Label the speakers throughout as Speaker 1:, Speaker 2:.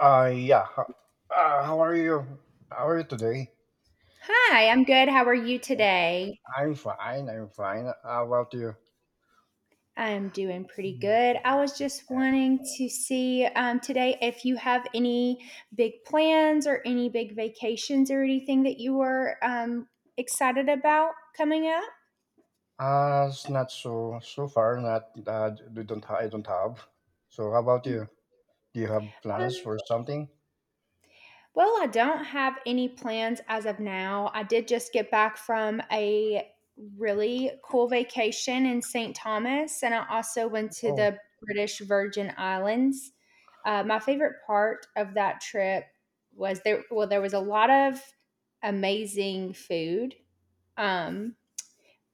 Speaker 1: Uh, yeah. h- how are you? How are you today?
Speaker 2: Hi, I'm good. How are you today?
Speaker 1: I'm fine. I'm fine. How about you?
Speaker 2: I'm doing pretty
Speaker 1: Mm.
Speaker 2: good. I was just wanting to see today if you have any big plans or any big vacations or anything that you were excited about coming up.
Speaker 1: It's not so far. Not we don't. I don't have. So how about you? Do you have plans for something?
Speaker 2: Well, I don't have any plans as of now. I did just get back from a really cool vacation in St. Thomas, and I also went to
Speaker 1: Oh,
Speaker 2: the British Virgin Islands. My favorite part of that trip was there, well, there was a lot of amazing food. Um,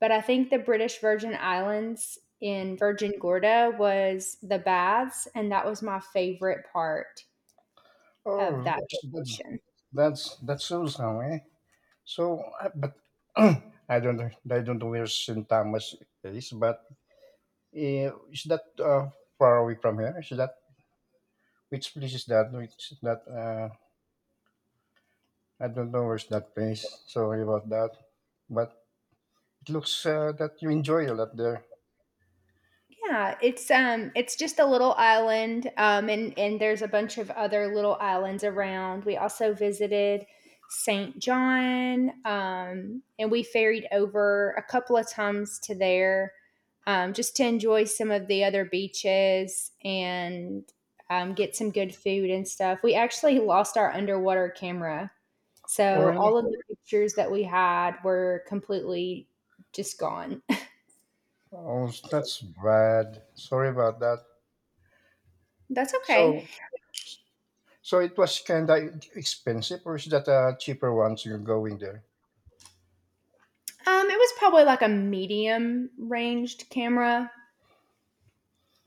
Speaker 2: but I think the British Virgin Islands in Virgin Gorda was the baths, and that was my favorite part of
Speaker 1: oh,
Speaker 2: that
Speaker 1: that's
Speaker 2: vacation.
Speaker 1: that's so some, eh? So, but I don't I don't know where Saint Thomas is, but is that far away from here? Is that which place is that? I don't know where's that place. Sorry about that. But it looks that you enjoy a lot there.
Speaker 2: Yeah, it's just a little island, and there's a bunch of other little islands around. We also visited St. John, and we ferried over a couple of times to there, just to enjoy some of the other beaches and get some good food and stuff. We actually lost our underwater camera,
Speaker 1: Oh,
Speaker 2: so
Speaker 1: really?
Speaker 2: all of the pictures that we had were completely just gone.
Speaker 1: Oh, that's bad. Sorry about that.
Speaker 2: That's okay.
Speaker 1: So, so it was kind of expensive, or is that a cheaper one? So you're going there?
Speaker 2: It was probably like a medium ranged camera.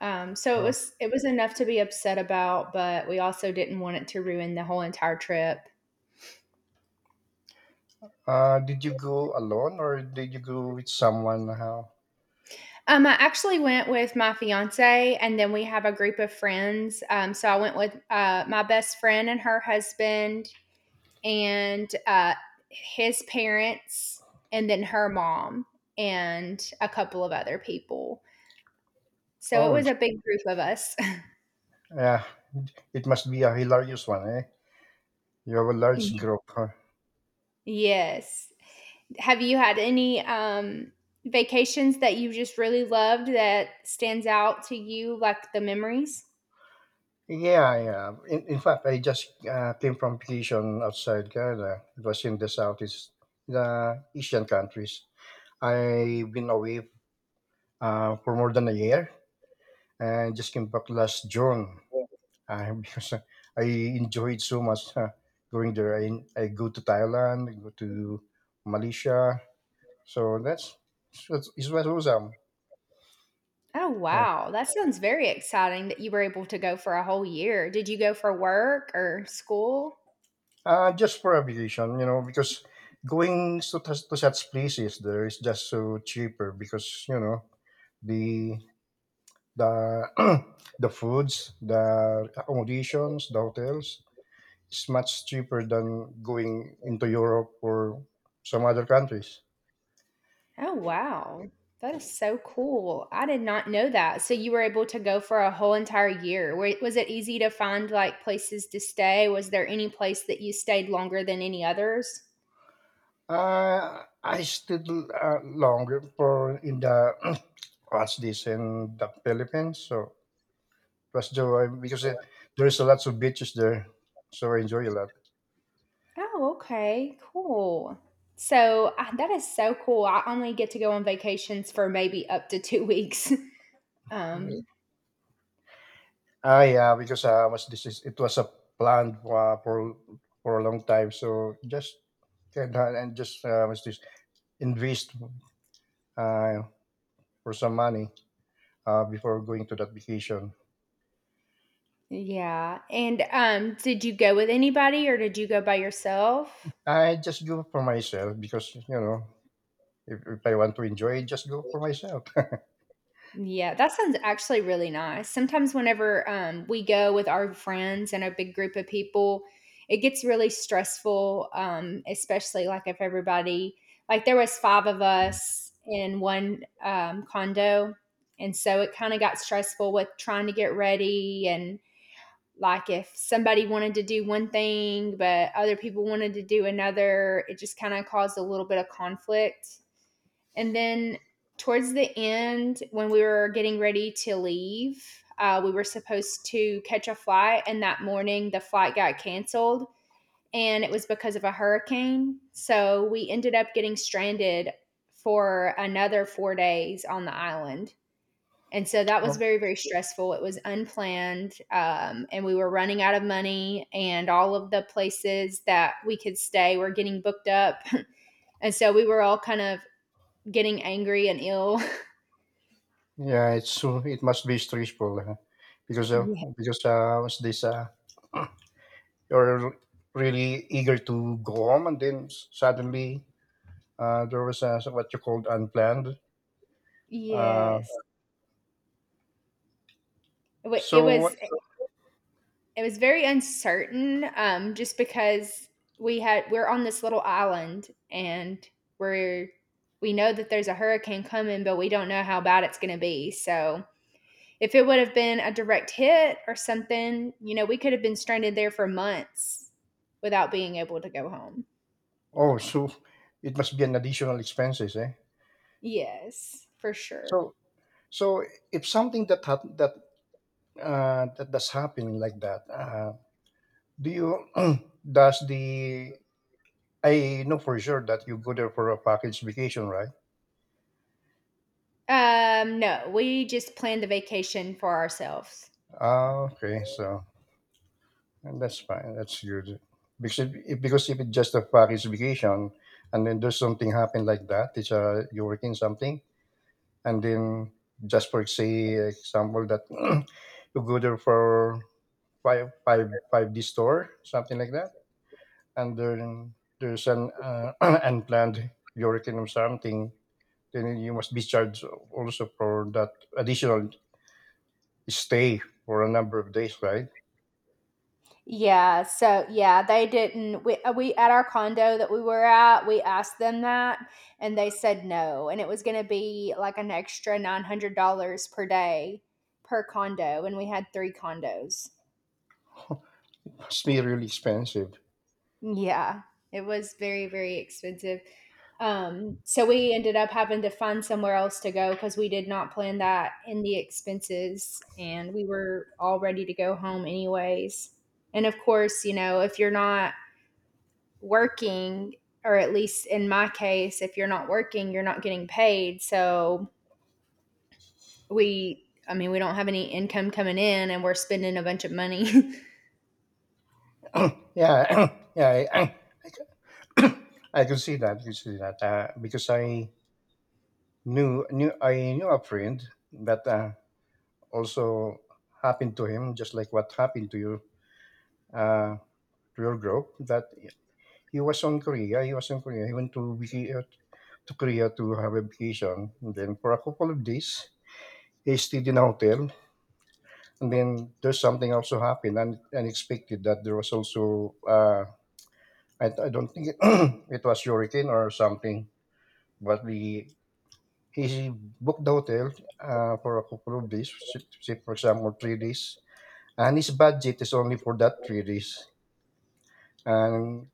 Speaker 2: Um, so it
Speaker 1: Oh.
Speaker 2: was it was enough to be upset about, but we also didn't want it to ruin the whole entire trip.
Speaker 1: Did you go alone, or did you go with someone? How?
Speaker 2: I actually went with my fiance, and then we have a group of friends. So I went with my best friend and her husband, and his parents, and then her mom, and a couple of other people. So it
Speaker 1: Oh,
Speaker 2: was a big group of us.
Speaker 1: yeah. It must be a hilarious one, eh? You have a large group, huh?
Speaker 2: Yes. Have you had any vacations that you just really loved that stands out to you, like the memories?
Speaker 1: Yeah, yeah. In fact, I just came from vacation outside Canada. It was in the southeast, the Asian countries. I've been away for more than a year and just came back last June because I enjoyed so much, going there. I go to Thailand, I go to Malaysia. So that's, that's it was awesome.
Speaker 2: Oh,
Speaker 1: Yeah.
Speaker 2: wow. That sounds very exciting that you were able to go for a whole year. Did you go for work or school?
Speaker 1: Just for aviation, you know, because going to, to such places there is just so cheaper because you know the the the foods, the accommodations, the hotels is much cheaper than going into Europe or some other countries.
Speaker 2: Oh, wow. That is so cool. I did not know that. So you were able to go for a whole entire year. Was it easy to find like places to stay? Was there any place that you stayed longer than any others?
Speaker 1: I stayed longer for in the what's this, in the Philippines, so it was the because there's a lots of beaches there, so I enjoy a
Speaker 2: Oh, okay, cool. So that is so cool. I only get to go on vacations for maybe up to two weeks.
Speaker 1: lot.
Speaker 2: Um,
Speaker 1: Ah, yeah, because I was this is it was a plan for a long time, so just and just, was this invest, uh, for some money, before going to that vacation.
Speaker 2: yeah. And did you go with anybody or did you go by yourself?
Speaker 1: I just go for myself because you know if I want to enjoy, just go for myself.
Speaker 2: Yeah, that sounds actually really nice. Sometimes whenever, we go with our friends and a big group of people, it gets really stressful, especially, like, if everybody like, there was 5 of us in one, condo, and so it kinda got stressful with trying to get ready and, like, if somebody wanted to do one thing, but other people wanted to do another, it just kinda caused a little bit of conflict. And then towards the end, when we were getting ready to leave, we were supposed to catch a flight. And that morning, the flight got canceled and it was because of a hurricane. So we ended up getting stranded for another four days on the island. And so that was
Speaker 1: Oh,
Speaker 2: very, very stressful. It was unplanned, and we were running out of money, and all of the places that we could stay were getting booked up. And so we were all kind of getting angry and ill
Speaker 1: yeah, it's so it must be stressful, because uh,
Speaker 2: Ye
Speaker 1: because was this you're really eager to go home and then suddenly there was, what you called, unplanned. Uh,
Speaker 2: Yes. It wa it
Speaker 1: so what?
Speaker 2: was it was very uncertain, just because we're on this little island, and we're we know that there's a hurricane coming, but we don't know how bad it's gonna be, so, if it would've been a direct hit or something, you know, we could've been stranded there for months without being able to go home.
Speaker 1: Oh, so it must be an additional expenses, eh?
Speaker 2: Yes, for sure.
Speaker 1: So so if something that does happen like that, do you does the I know for sure that you go there for a package vacation, right?
Speaker 2: No, we just planned the vacation for ourselves.
Speaker 1: Ah, okay, so and that's fine. That's good. Because if, because if it's just a package vacation, and then there's something happen like that, it's, you're working something. And then just for, say, example that you go there for five D store, something like that. And then there's an, unplanned hurricane or something, then you must be charged also for that additional stay for a number of days, right?
Speaker 2: Yeah, so yeah, they didn't we at our condo that we were at, we asked them that and they said no, and it was going to be like an extra $900 per day per condo and we had 3 condos.
Speaker 1: Must be really expensive.
Speaker 2: Yeah, it was very very expensive. So we ended up having to find somewhere else to go because we did not plan that in the expenses and we were all ready to go home anyways. And of course, you know, if you're not working, or at least in my case, if you're not working, you're not getting paid. So I mean, we don't have any income coming in, and we're spending a bunch of money.
Speaker 1: Yeah, yeah, I, c- I could see that. I could see that, because I knew a friend that, also happened to him, just like what happened to you, uh, to your group, that he was on Korea. He was in Korea. He went to Korea to have a vacation. And then for a couple of days, he stayed in a hotel. And then there's something also happened and unexpected that there was also, I don't think it was hurricane or something, but we he booked the hotel, for a couple of days, say for example 3 days, and his budget is only for that 3 days. and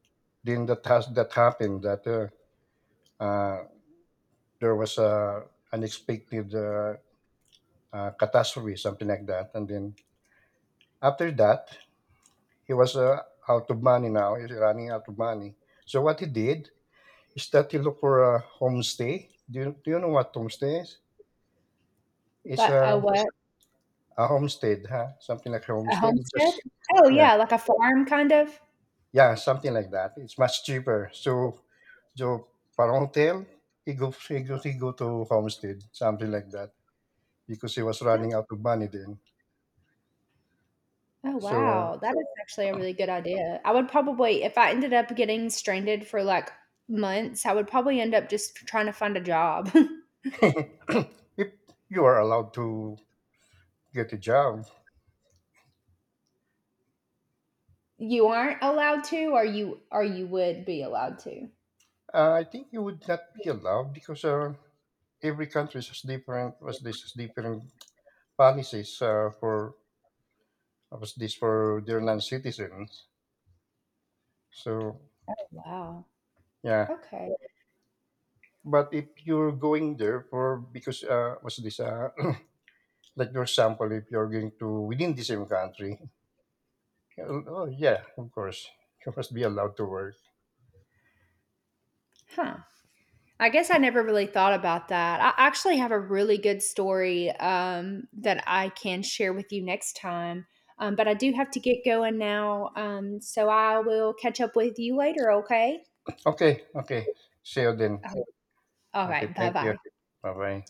Speaker 1: then that has that happened, that uh, there was a unexpected, catastrophe, something like that. And then after that, he was, out of money now he's running out of money, so what he did is that he looked for a homestay. Do you know what homestay is? it's
Speaker 2: That
Speaker 1: a,
Speaker 2: a what?
Speaker 1: a homestead, huh? Something like a
Speaker 2: A
Speaker 1: homestead. It
Speaker 2: homestead?
Speaker 1: just
Speaker 2: Oh
Speaker 1: Yeah.
Speaker 2: yeah, like a farm kind of.
Speaker 1: Yeah, something like that. It's much cheaper. So, so Parongtail, he go to Homestead, something like that, because he was
Speaker 2: Oh
Speaker 1: running out of money then.
Speaker 2: oh,
Speaker 1: So,
Speaker 2: wow, that is actually a really good idea. I would probably, if I ended up getting stranded for like months, I would probably end up just trying to find a job.
Speaker 1: if you are allowed to get a job,
Speaker 2: You aren't allowed to, or or you would be allowed to.
Speaker 1: I think you would not be allowed because, every country has different, was this has different policies, for, was this for their non-citizens. So,
Speaker 2: Oh, wow.
Speaker 1: yeah.
Speaker 2: Okay.
Speaker 1: But if you're going there for because, what's this? Like for example, if you're going to within the same country, oh yeah, of course, you must be allowed to work.
Speaker 2: Huh. I guess I never really thought about that. I actually have a really good story, that I can share with you next time, but I do have to get going now, so I will catch up with you later, okay?
Speaker 1: Okay, okay. See you then.
Speaker 2: Oh, all
Speaker 1: Okay,
Speaker 2: right.
Speaker 1: thank you.
Speaker 2: Bye-bye.
Speaker 1: Bye bye.